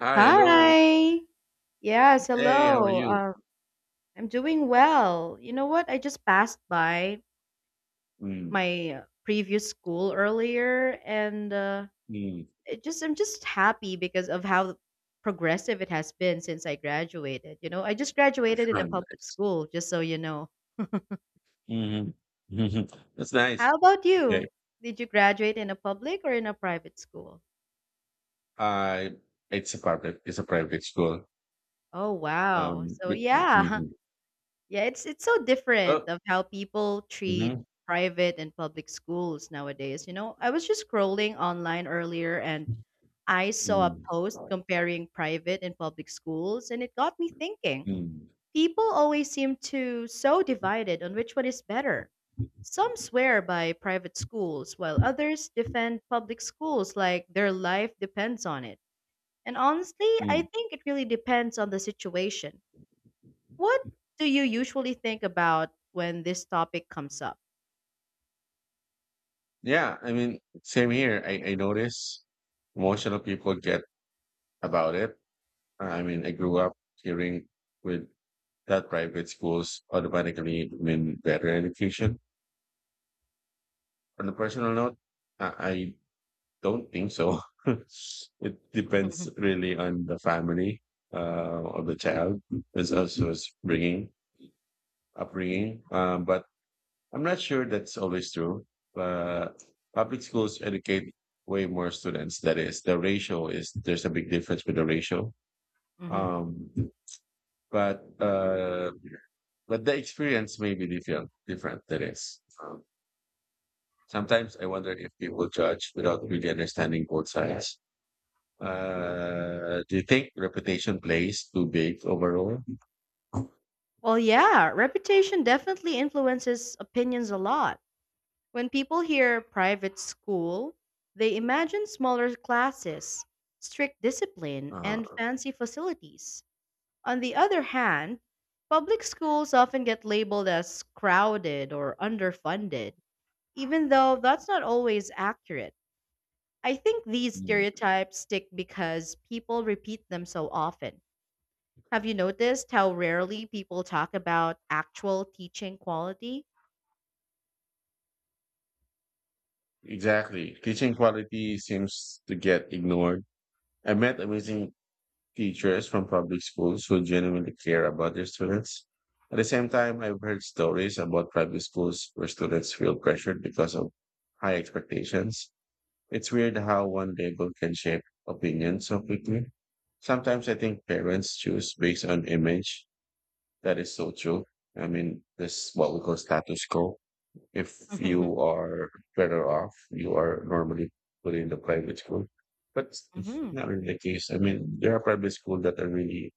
Hi, hello. Hi. Yes, Hey, how are hello. you? I'm doing well. You know what? I just passed by Mm, my previous school earlier, and mm, it just I'm just happy because of how progressive it has been since I graduated. You know, I just graduated in a Ah, public nice. school, just so you know. mhm, mhm. That's How nice. about Okay. you? Did you graduate in a public or in a private school? I it's a private school. Oh, wow. So With yeah, hmm Yeah, it's so different oh of how people treat Mm-hmm. private and public schools nowadays. You know, I was just scrolling online earlier and I saw a Mm, post comparing private and public schools and it got me thinking. mm, People always seem to so divided on which one is better. Some swear by private schools while others defend public schools like their life depends on it. And honestly, I mm. think it really depends on the situation. What do you usually think about when this topic comes up? Yeah, I mean same here. I notice most of the people get about it. I mean I grew up hearing with that private schools automatically mean better education. On a personal note, I don't think so. It depends really on the family or the child, as also as bringing upbringing. But I'm not sure that's always true. But public schools educate way more students. That is, the ratio is there's a big difference with the ratio. Hmm. Um, but uh, but the experience may be different. Different. That is. Sometimes I wonder if people judge without really understanding both sides. Do you think reputation plays too big overall? Well, yeah, reputation definitely influences opinions a lot. When people hear private school, they imagine smaller classes, strict discipline, and Uh, fancy facilities. On the other hand, public schools often get labeled as crowded or underfunded, even though that's not always accurate. I think these mm, stereotypes stick because people repeat them so often. Have you noticed how rarely people talk about actual teaching quality? exactly. Teaching quality seems to get ignored. I met amazing teachers from public schools who genuinely care about their students. At the same time, I've heard stories about private schools where students feel pressured because of high expectations. It's weird how one label can shape opinions so quickly. Sometimes I think parents choose based on image. That is so true. I mean, this is what we call status quo. If you are better off, you are normally put in the private school. But it's Hmm. not really the case. I mean, there are private schools that are really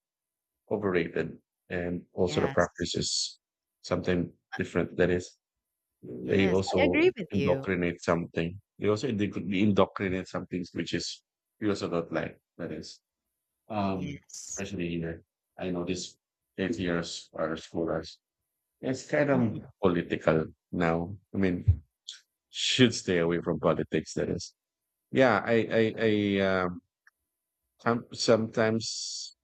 overrated, and also the Yes. practice is something Uh, different. That is, they Yes, I also agree with you. indoctrinate something, they also indoctrinate some things, which is we also don't like. That is, um Yes. especially here, I know this 8 years or scholars, it's kind of Hmm. political now. I mean, should stay away from politics. That is, yeah I sometimes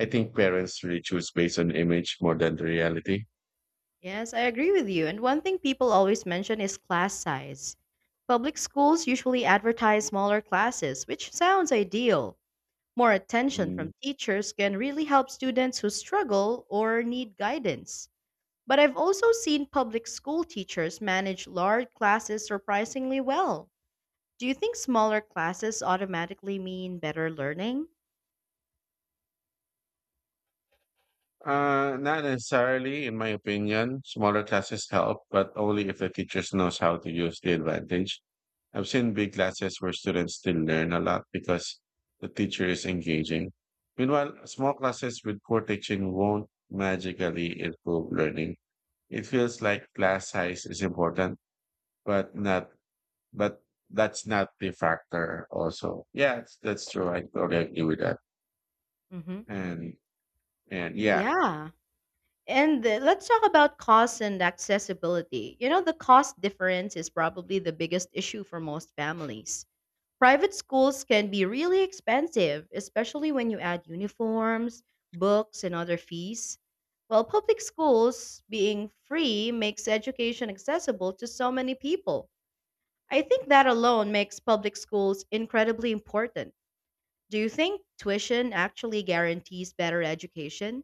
I think parents really choose based on image more than the reality. Yes, I agree with you. And one thing people always mention is class size. Public schools usually advertise smaller classes, which sounds ideal. More attention from Mhm. teachers can really help students who struggle or need guidance. But I've also seen public school teachers manage large classes surprisingly well. Do you think smaller classes automatically mean better learning? Not necessarily, in my opinion. Smaller classes help, but only if the teachers knows how to use the advantage. I've seen big classes where students still learn a lot because the teacher is engaging. Meanwhile, small classes with poor teaching won't magically improve learning. It feels like class size is important, but not, but that's not the factor also. Yeah, that's true. I totally agree with that. Hmm. And, and yeah. Yeah. And let's talk about cost and accessibility. You know, the cost difference is probably the biggest issue for most families. Private schools can be really expensive, especially when you add uniforms, books, and other fees. While public schools being free makes education accessible to so many people. I think that alone makes public schools incredibly important. Do you think tuition actually guarantees better education?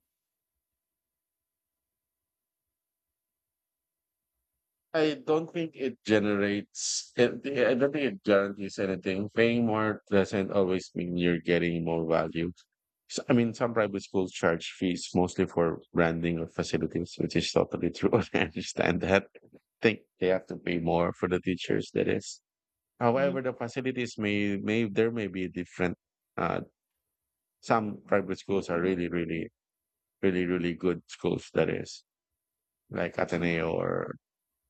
I don't think it guarantees anything. Paying more doesn't always mean you're getting more value. So, I mean, some private schools charge fees mostly for branding or facilities, which is totally true. I understand that. I think they have to pay more for the teachers, that is. Mhm, However, the facilities there may be different, uh, some private schools are really, really good schools, that is, like mhm, Ateneo or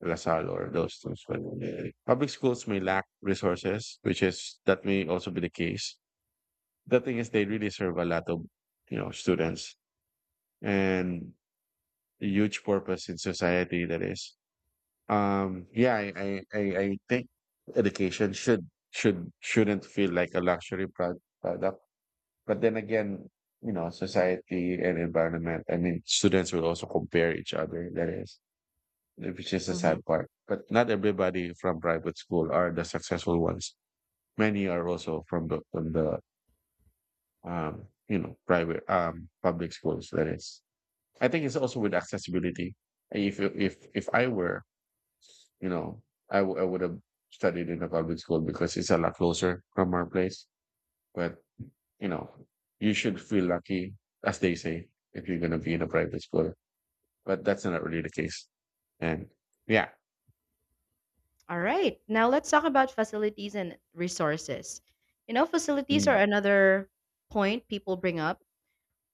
Lasal or those things. But Public schools may lack resources, which is that may also be the case. The thing is, they really serve a lot of you know students and a huge purpose in society. That is, yeah, I think education shouldn't feel like a luxury product. But then again, you know, society and environment. I mean, students will also compare each other. That is, which is a mhm. sad part. But not everybody from private school are the successful ones. Many are also from the you know private public schools. That is, I think it's also with accessibility. If I were, you know, I would have studied in a public school because it's a lot closer from our place. But you know, you should feel lucky, as they say, if you're gonna be in a private school. But that's not really the case. And yeah. All right. Now let's talk about facilities and resources. You know, facilities are Mm. another point people bring up.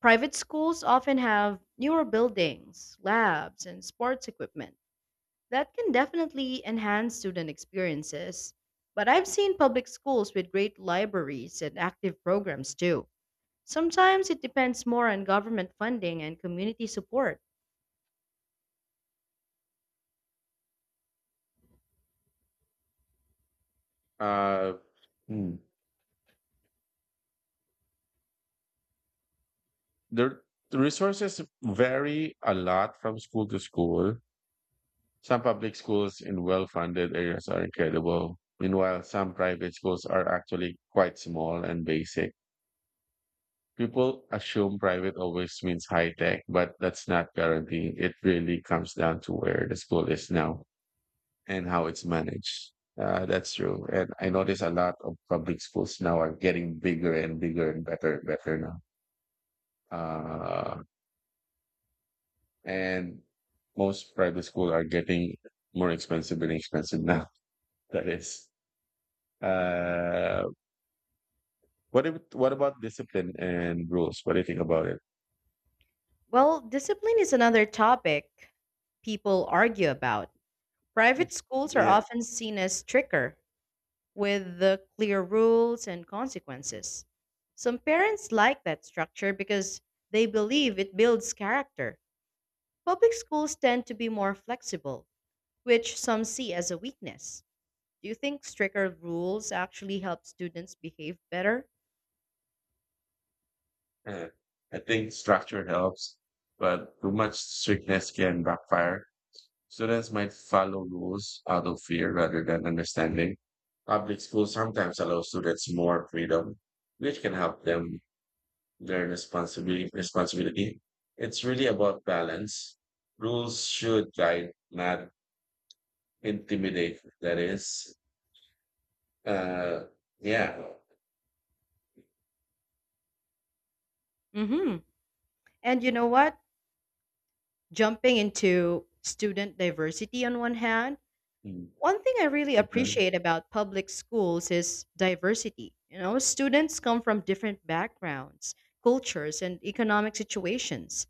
Private schools often have newer buildings, labs, and sports equipment that can definitely enhance student experiences. But I've seen public schools with great libraries and active programs too. Sometimes it depends more on government funding and community support. Uh, mm. The, the resources vary a lot from school to school. Some public schools in well funded areas are incredible, meanwhile, some private schools are actually quite small and basic. People assume private always means high tech, but that's not guaranteed. It really comes down to where the school is now and how it's managed. That's true. And I notice a lot of public schools now are getting bigger and bigger and better now. Uh, And most private schools are getting more expensive and expensive now. That is. Uh, what if, What about discipline and rules? What do you think about it? Well, discipline is another topic people argue about. Private schools are Yeah, often seen as stricter, with the clear rules and consequences. Some parents like that structure because they believe it builds character. Public schools tend to be more flexible, which some see as a weakness. Do you think stricter rules actually help students behave better? uh, I think structure helps, but too much strictness can backfire. Students might follow rules out of fear rather than understanding. Public schools sometimes allow students more freedom, which can help them their responsibility. It's really about balance. Rules should guide, not intimidate. That is, uh, yeah. Mhm. And you know what? Jumping into student diversity on one hand. Mm. One thing I really Mhm. appreciate about public schools is diversity. You know, students come from different backgrounds, cultures, and economic situations.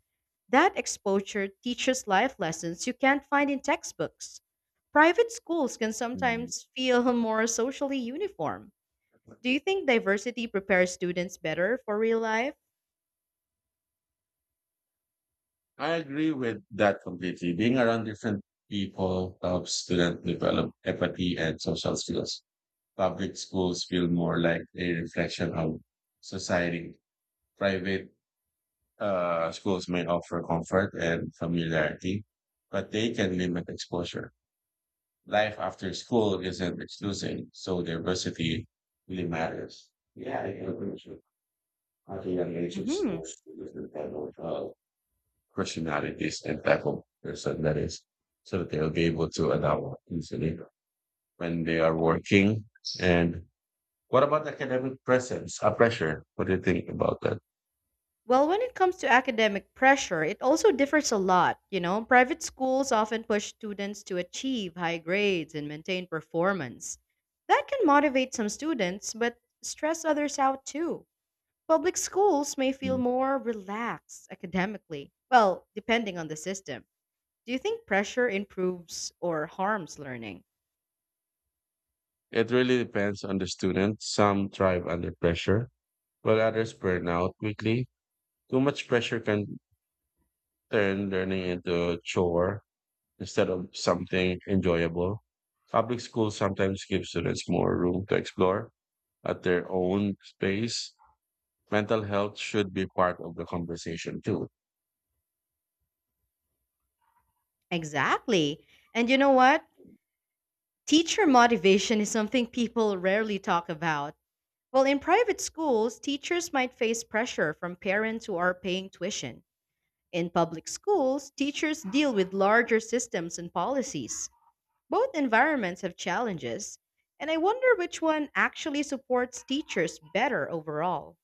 That exposure teaches life lessons you can't find in textbooks. Private schools can Mhm. sometimes feel more socially uniform. Do you think diversity prepares students better for real life? I agree with that completely. Being around different people helps students develop empathy and social skills. Public schools feel more like a reflection of society. Private schools may offer comfort and familiarity, but they can limit exposure. Life after school isn't exclusive, so diversity really matters. Yeah, I agree with you. At a young age, Hmm. exposed to different type of personalities and type of person, that is, so that they'll be able to adapt easily when they are working and what about academic presence, pressure? What do you think about that? Well, when it comes to academic pressure, it also differs a lot. You know, private schools often push students to achieve high grades and maintain performance. That can motivate some students, but stress others out too. Public schools may feel Mm. more relaxed academically, well, depending on the system. Do you think pressure improves or harms learning? It really depends on the student. Some thrive under pressure, while others burn out quickly. Too much pressure can turn learning into a chore instead of something enjoyable. Public schools sometimes give students more room to explore at their own space. Mental health should be part of the conversation too. Exactly. And you know what? Teacher motivation is something people rarely talk about. Well, in private schools, teachers might face pressure from parents who are paying tuition. In public schools, teachers deal with larger systems and policies. Both environments have challenges, and I wonder which one actually supports teachers better overall.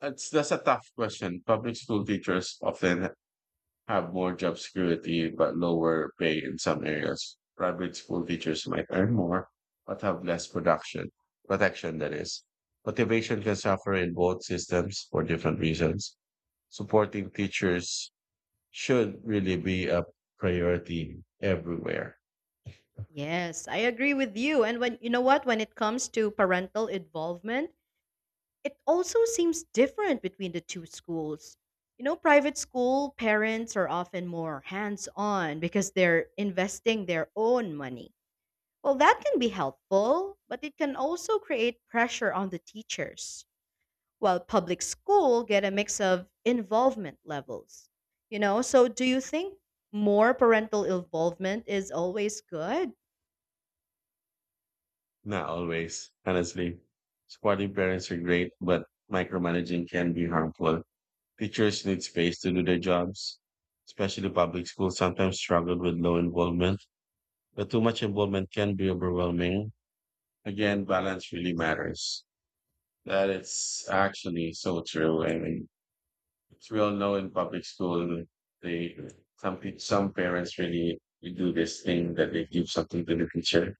That's a tough question. Public school teachers often have more job security but lower pay in some areas. Private school teachers might earn more but have less production protection, that is. Motivation can suffer in both systems for different reasons. Supporting teachers should really be a priority everywhere. Yes, I agree with you. And when you know what, when it comes to parental involvement, it also seems different between the two schools. You know, private school parents are often more hands on because they're investing their own money. Well, that can be helpful, but it can also create pressure on the teachers. While public school get a mix of involvement levels. You know, so do you think more parental involvement is always good? Not always, honestly. Supporting parents are great, but micromanaging can be harmful. Teachers need space to do their jobs, especially public schools sometimes struggle with low involvement, but too much involvement can be overwhelming. Again, balance really matters. That is actually so true. I mean, it's real know in public school, they some parents really do this thing that they give something to the teacher,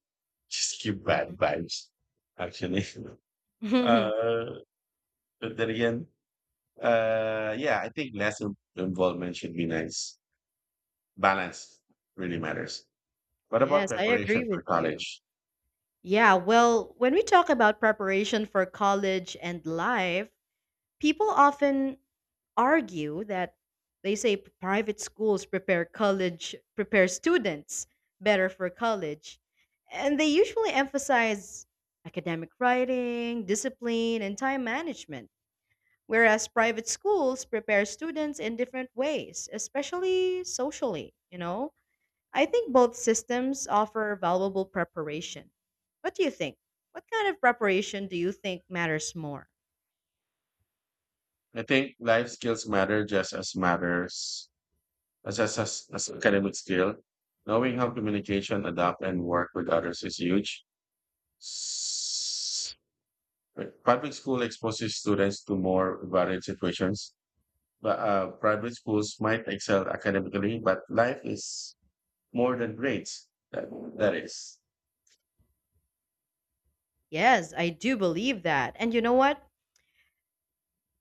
just give bad Mhm. vibes. Actually. Uh, but then again, yeah, I think less involvement should be nice. Balance really matters. What about Yes, I preparation agree for with you. college? Yeah, well, when we talk about preparation for college and life, people often argue that they say private schools prepare students better for college. And they usually emphasize academic writing, discipline, and time management, whereas private schools prepare students in different ways, especially socially, you know? I think both systems offer valuable preparation. What do you think? What kind of preparation do you think matters more? I think life skills matter just as matters as academic skill. Knowing how communication, adapt, and work with others is huge. S- Public school exposes students to more varied situations, but private schools might excel academically, but life is more than grades. That is. Yes, I do believe that. And you know what?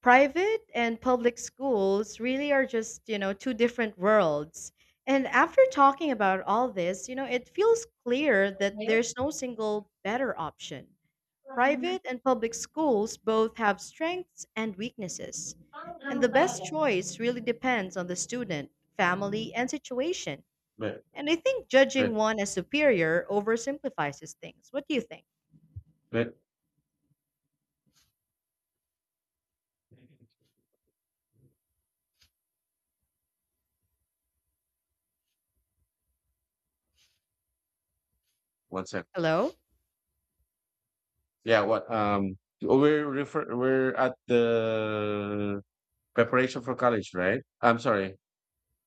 Private and public schools really are just, you know, two different worlds. And after talking about all this, you know, it feels clear that there's no single better option. Private and public schools both have strengths and weaknesses, and the best choice really depends on the student, family, and situation. But And I think but judging one as superior oversimplifies things. What do you think? but One sec. Hello? Yeah, what we're at the preparation for college, right? I'm sorry.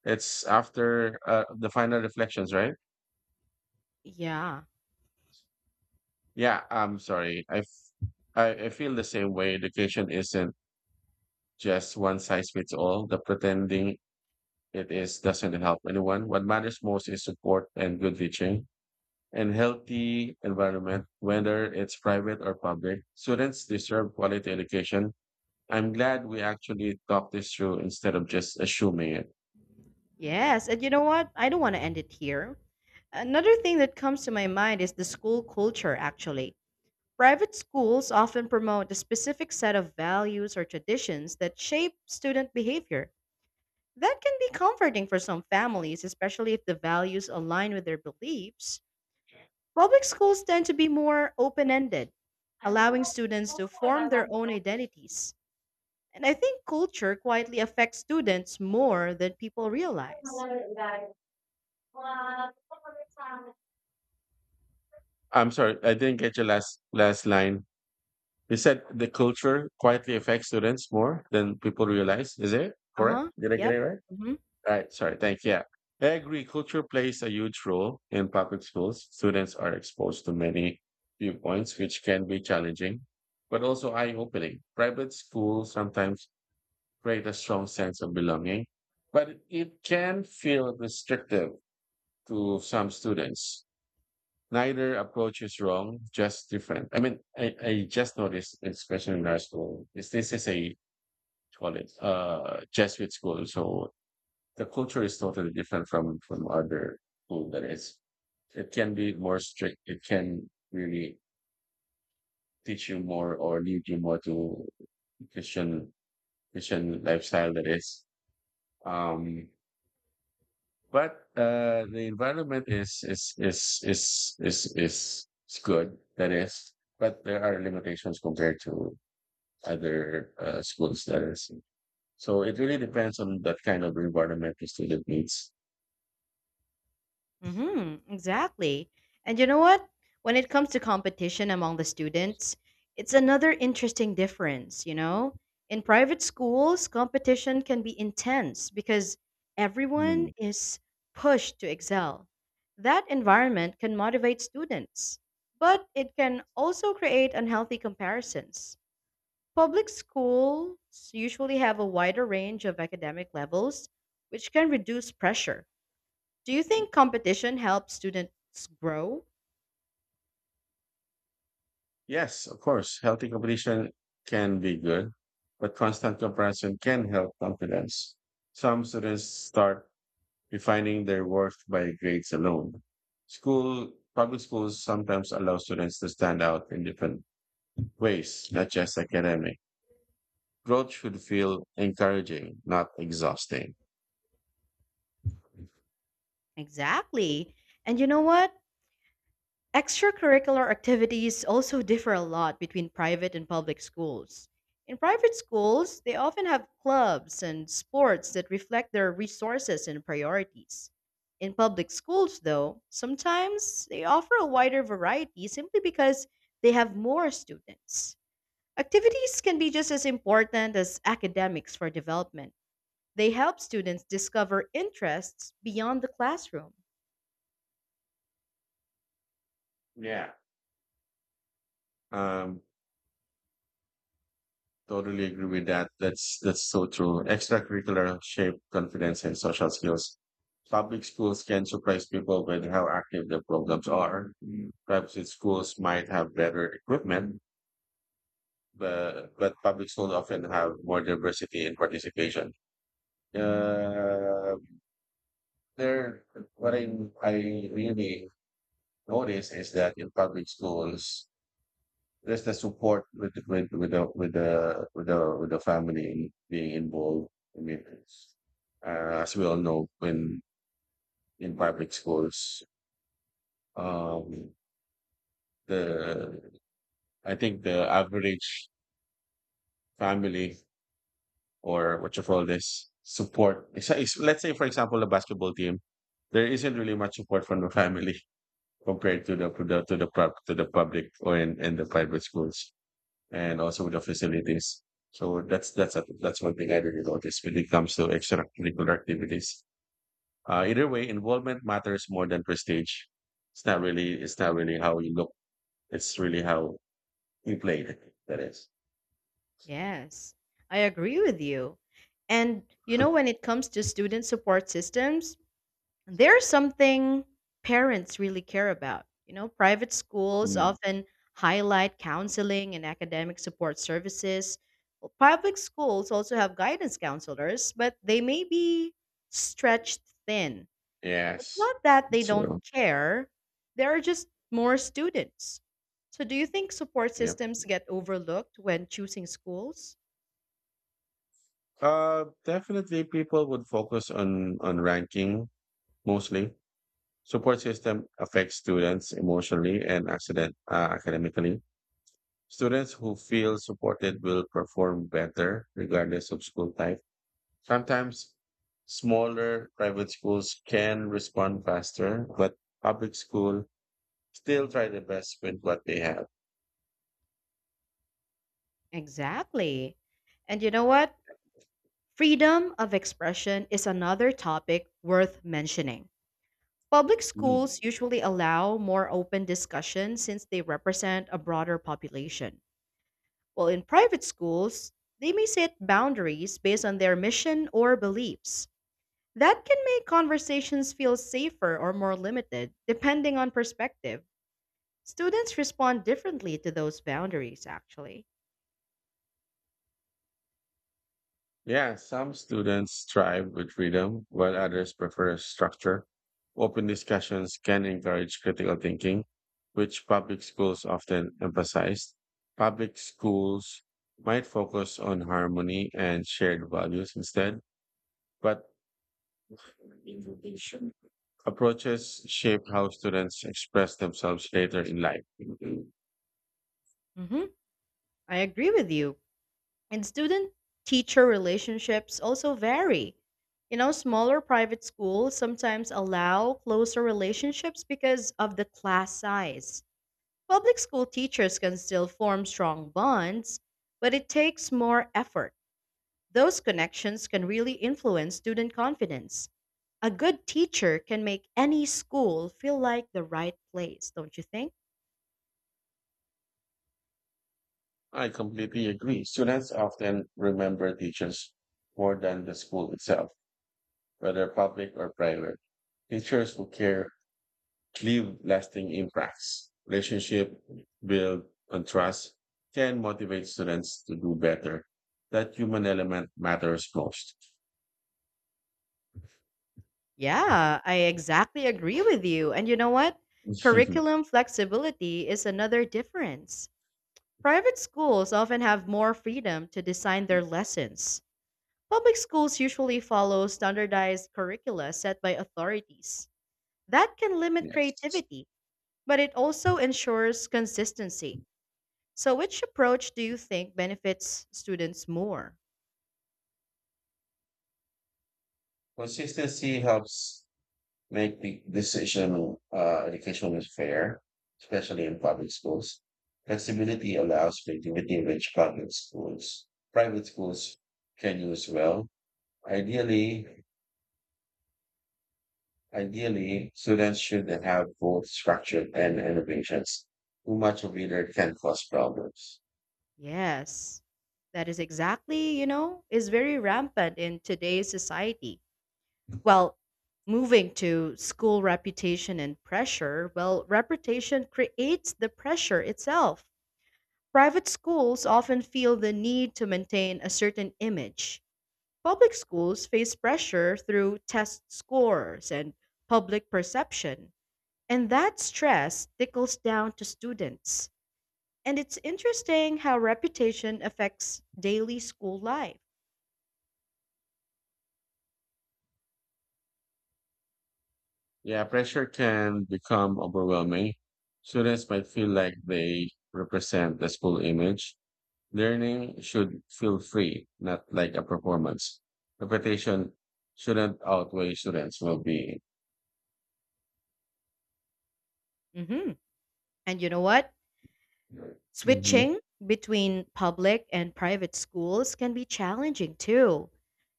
It's after the final reflections, right? Yeah. Yeah, I'm sorry. I, f- I feel the same way. Education isn't just one size fits all. The pretending it is doesn't help anyone. What matters most is support and good teaching, and healthy environment, whether it's private or public. Students deserve quality education. I'm glad we actually talked this through instead of just assuming it. Yes. And you know what? I don't want to end it here. Another thing that comes to my mind is the school culture, actually. Private schools often promote a specific set of values or traditions that shape student behavior. That can be comforting for some families, especially if the values align with their beliefs. Public schools tend to be more open ended, allowing students to form their own identities. And I think culture quietly affects students more than people realize. I'm sorry, I didn't get your last line. You said the culture quietly affects students more than people realize. Is it Uh correct? huh. Did I get Yep. it right? Hmm, Right. Sorry. Thank you. Yeah. I agree. Culture plays a huge role in public schools. Students are exposed to many viewpoints, which can be challenging, but also eye-opening. Private schools sometimes create a strong sense of belonging, but it can feel restrictive to some students. Neither approach is wrong, just different. I mean, I just noticed this question in our school. Is this is a Call it Jesuit school, so the culture is totally different from other school, that is. It can be more strict. It can really teach you more or lead you more to Christian Christian lifestyle, that is. Um, But The environment is good. That is, but there are limitations compared to other schools. That is, so it really depends on that kind of environment the student needs. hmm, exactly. And you know what? When it comes to competition among the students, it's another interesting difference, you know? In private schools, competition can be intense because everyone Hmm. is pushed to excel. That environment can motivate students, but it can also create unhealthy comparisons. Public schools usually have a wider range of academic levels, which can reduce pressure. Do you think competition helps students grow? Yes, of course, healthy competition can be good, but constant comparison can help confidence. Some students start defining their worth by grades alone. Public schools sometimes allow students to stand out in different ways, not just academic. Growth should feel encouraging, not exhausting. Exactly. And you know what? Extracurricular activities also differ a lot between private and public schools. In private schools, they often have clubs and sports that reflect their resources and priorities. In public schools, though, sometimes they offer a wider variety simply because they have more students. Activities can be just as important as academics for development. They help students discover interests beyond the classroom. Yeah. Um, totally agree with that. That's so true. Extracurricular shape confidence and social skills. Public schools can surprise people with how active their programs are. Private schools might have better equipment, but public schools often have more diversity and participation. Uh, there, what I really notice is that in public schools, there's the support with with the family being involved. I mean, as we all know, when in public schools, um, the I think the average family or what you call this support. Let's say, for example, the basketball team, there isn't really much support from the family compared to to the public or in the private schools and also with the facilities. So that's one thing I really noticed when it comes to extracurricular activities. Either way, involvement matters more than prestige. It's not really how you look. It's really how you play. That is. Yes, I agree with you. And you know, when it comes to student support systems, there's something parents really care about. You know, private schools Mm. often highlight counseling and academic support services. Well, public schools also have guidance counselors, but they may be stretched thin. It's Yes. not that they don't So care, there are just more students. So, do you think support yeah. systems get overlooked when choosing schools? Definitely people would focus on ranking mostly. Support system affects students emotionally and accident academically. Students who feel supported will perform better regardless of school type. Sometimes smaller private schools can respond faster, but public school still try the best with what they have. Exactly. And you know what? Freedom of expression is another topic worth mentioning. Public Mm. schools usually allow more open discussion since they represent a broader population. While in private schools, they may set boundaries based on their mission or beliefs. That can make conversations feel safer or more limited, depending on perspective. Students respond differently to those boundaries, actually. Yeah, some students thrive with freedom, while others prefer structure. Open discussions can encourage critical thinking, which public schools often emphasize. Public schools might focus on harmony and shared values instead, but approaches shape how students express themselves later in life. Hmm. I agree with you. And student teacher relationships also vary. You know, smaller private schools sometimes allow closer relationships because of the class size. Public school teachers can still form strong bonds, but it takes more effort. Those connections can really influence student confidence. A good teacher can make any school feel like the right place, don't you think? I completely agree. Students often remember teachers more than the school itself, whether public or private. Teachers who care leave lasting impacts. Relationship build on trust can motivate students to do better. That human element matters most. Yeah, I exactly agree with you. And you know what? Curriculum flexibility is another difference. Private schools often have more freedom to design their lessons. Public schools usually follow standardized curricula set by authorities. That can limit Yes. creativity, but it also ensures consistency. So, which approach do you think benefits students more? Consistency helps make the decision education is fair, especially in public schools. Flexibility allows creativity in which public schools, private schools can use well. Ideally, Ideally, students should have both structure and innovations. Too much of either can cause problems. Yes, that is exactly, you know, is very rampant in today's society. Well, moving to school reputation and pressure, well, reputation creates the pressure itself. Private schools often feel the need to maintain a certain image. Public schools face pressure through test scores and public perception, and that stress tickles down to students. And it's interesting how reputation affects daily school life. Yeah, pressure can become overwhelming. Students might feel like they represent the school image. Learning should feel free, not like a performance. Repetition shouldn't outweigh students' well being. Hmm. And you know what? Hmm. Switching between public and private schools can be challenging too.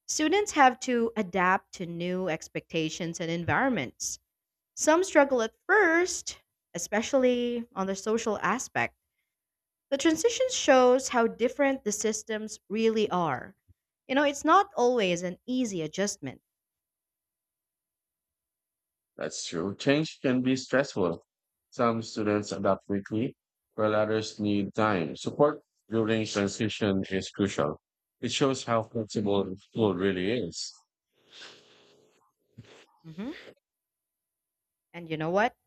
Students have to adapt to new expectations and environments. Some struggle at first, especially on the social aspect. The transition shows how different the systems really are. You know, it's not always an easy adjustment. That's true. Change can be stressful. Some students adapt quickly, while others need time. Support during transition is crucial. It shows how flexible school really is. Hmm. And you know what?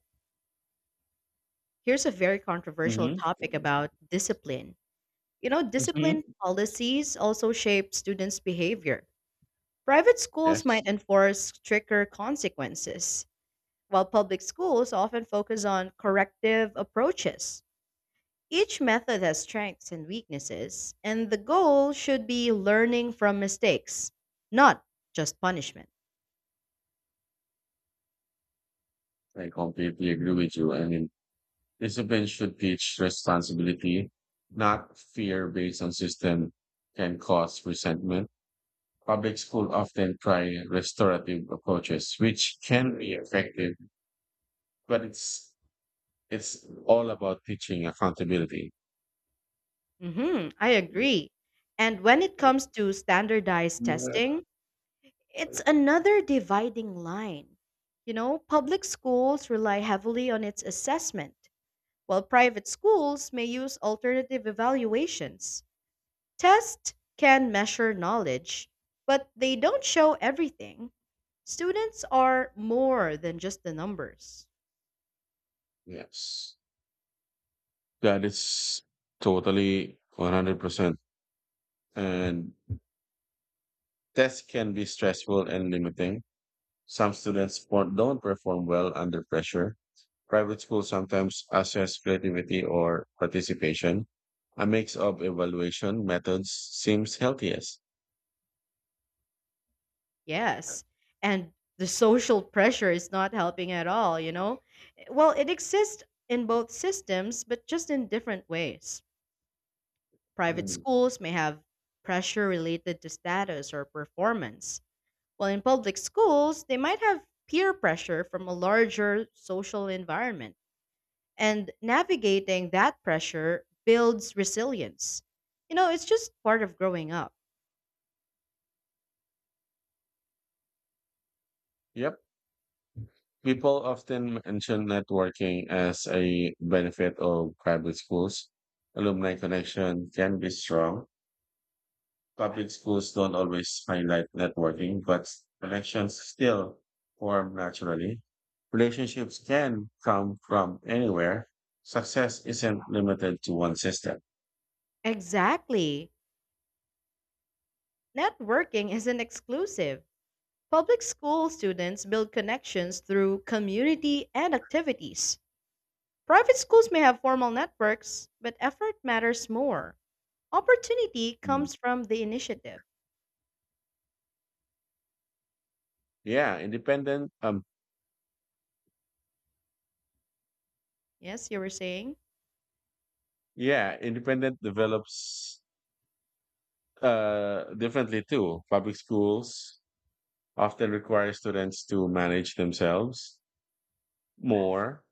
Here's a very controversial Hmm. topic about discipline. You know, Hmm. discipline policies also shape students' behavior. Private schools Yes, might enforce stricter consequences, while public schools often focus on corrective approaches. Each method has strengths and weaknesses, and the goal should be learning from mistakes, not just punishment. I completely agree with you. And discipline should teach responsibility, not fear based on system can cause resentment. Public school often try restorative approaches, which can be effective, but it's all about teaching accountability. Mhm, I agree. And when it comes to standardized testing, it's another dividing line. You know, public schools rely heavily on its assessment, while private schools may use alternative evaluations. Tests can measure knowledge, but they don't show everything. Students are more than just the numbers. Yes. That is totally 100%. And tests can be stressful and limiting. Some students don't perform well under pressure. Private schools sometimes assess creativity or participation. A mix of evaluation methods seems healthiest. Yes. And the social pressure is not helping at all, you know? Well, it exists in both systems, but just in different ways. Private Mm. schools may have pressure related to status or performance, while in public schools, they might have peer pressure from a larger social environment. And navigating that pressure builds resilience. You know, it's just part of growing up. Yep. People often mention networking as a benefit of private schools. Alumni connection can be strong. Public schools don't always highlight networking, but connections still form naturally. Relationships can come from anywhere. Success isn't limited to one system. Exactly. Networking isn't exclusive. Public school students build connections through community and activities. Private schools may have formal networks, but effort matters more. Opportunity Mm. comes from the initiative. Yeah, independent. Um, Yes, you were saying? yeah, independent develops differently too. Public schools often require students to manage themselves more.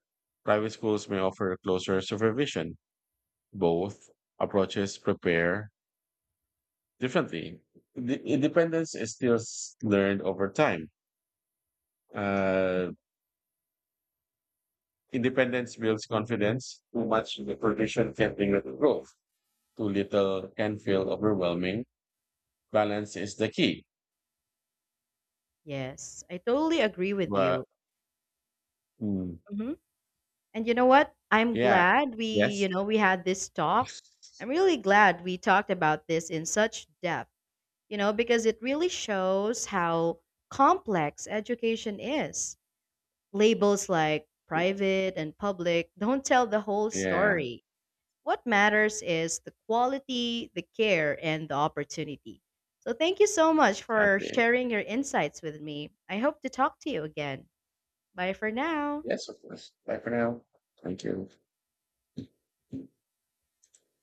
Private schools may offer closer supervision. Both approaches prepare differently, the independence is still learned over time. Uh, Independence builds confidence. Too much supervision can bring little growth. Too little can feel overwhelming. Balance is the key. Yes, I totally agree with you. But mm, Hmm. And you know what? I'm yeah, glad we, yes, you know, we had this talk. I'm really glad we talked about this in such depth, you know, because it really shows how complex education is. Labels like private and public don't tell the whole yeah, story. What matters is the quality, the care, and the opportunity. So thank you so much for exactly. sharing your insights with me. I hope to talk to you again. Bye for now. Yes, of course. Bye for now. Thank you.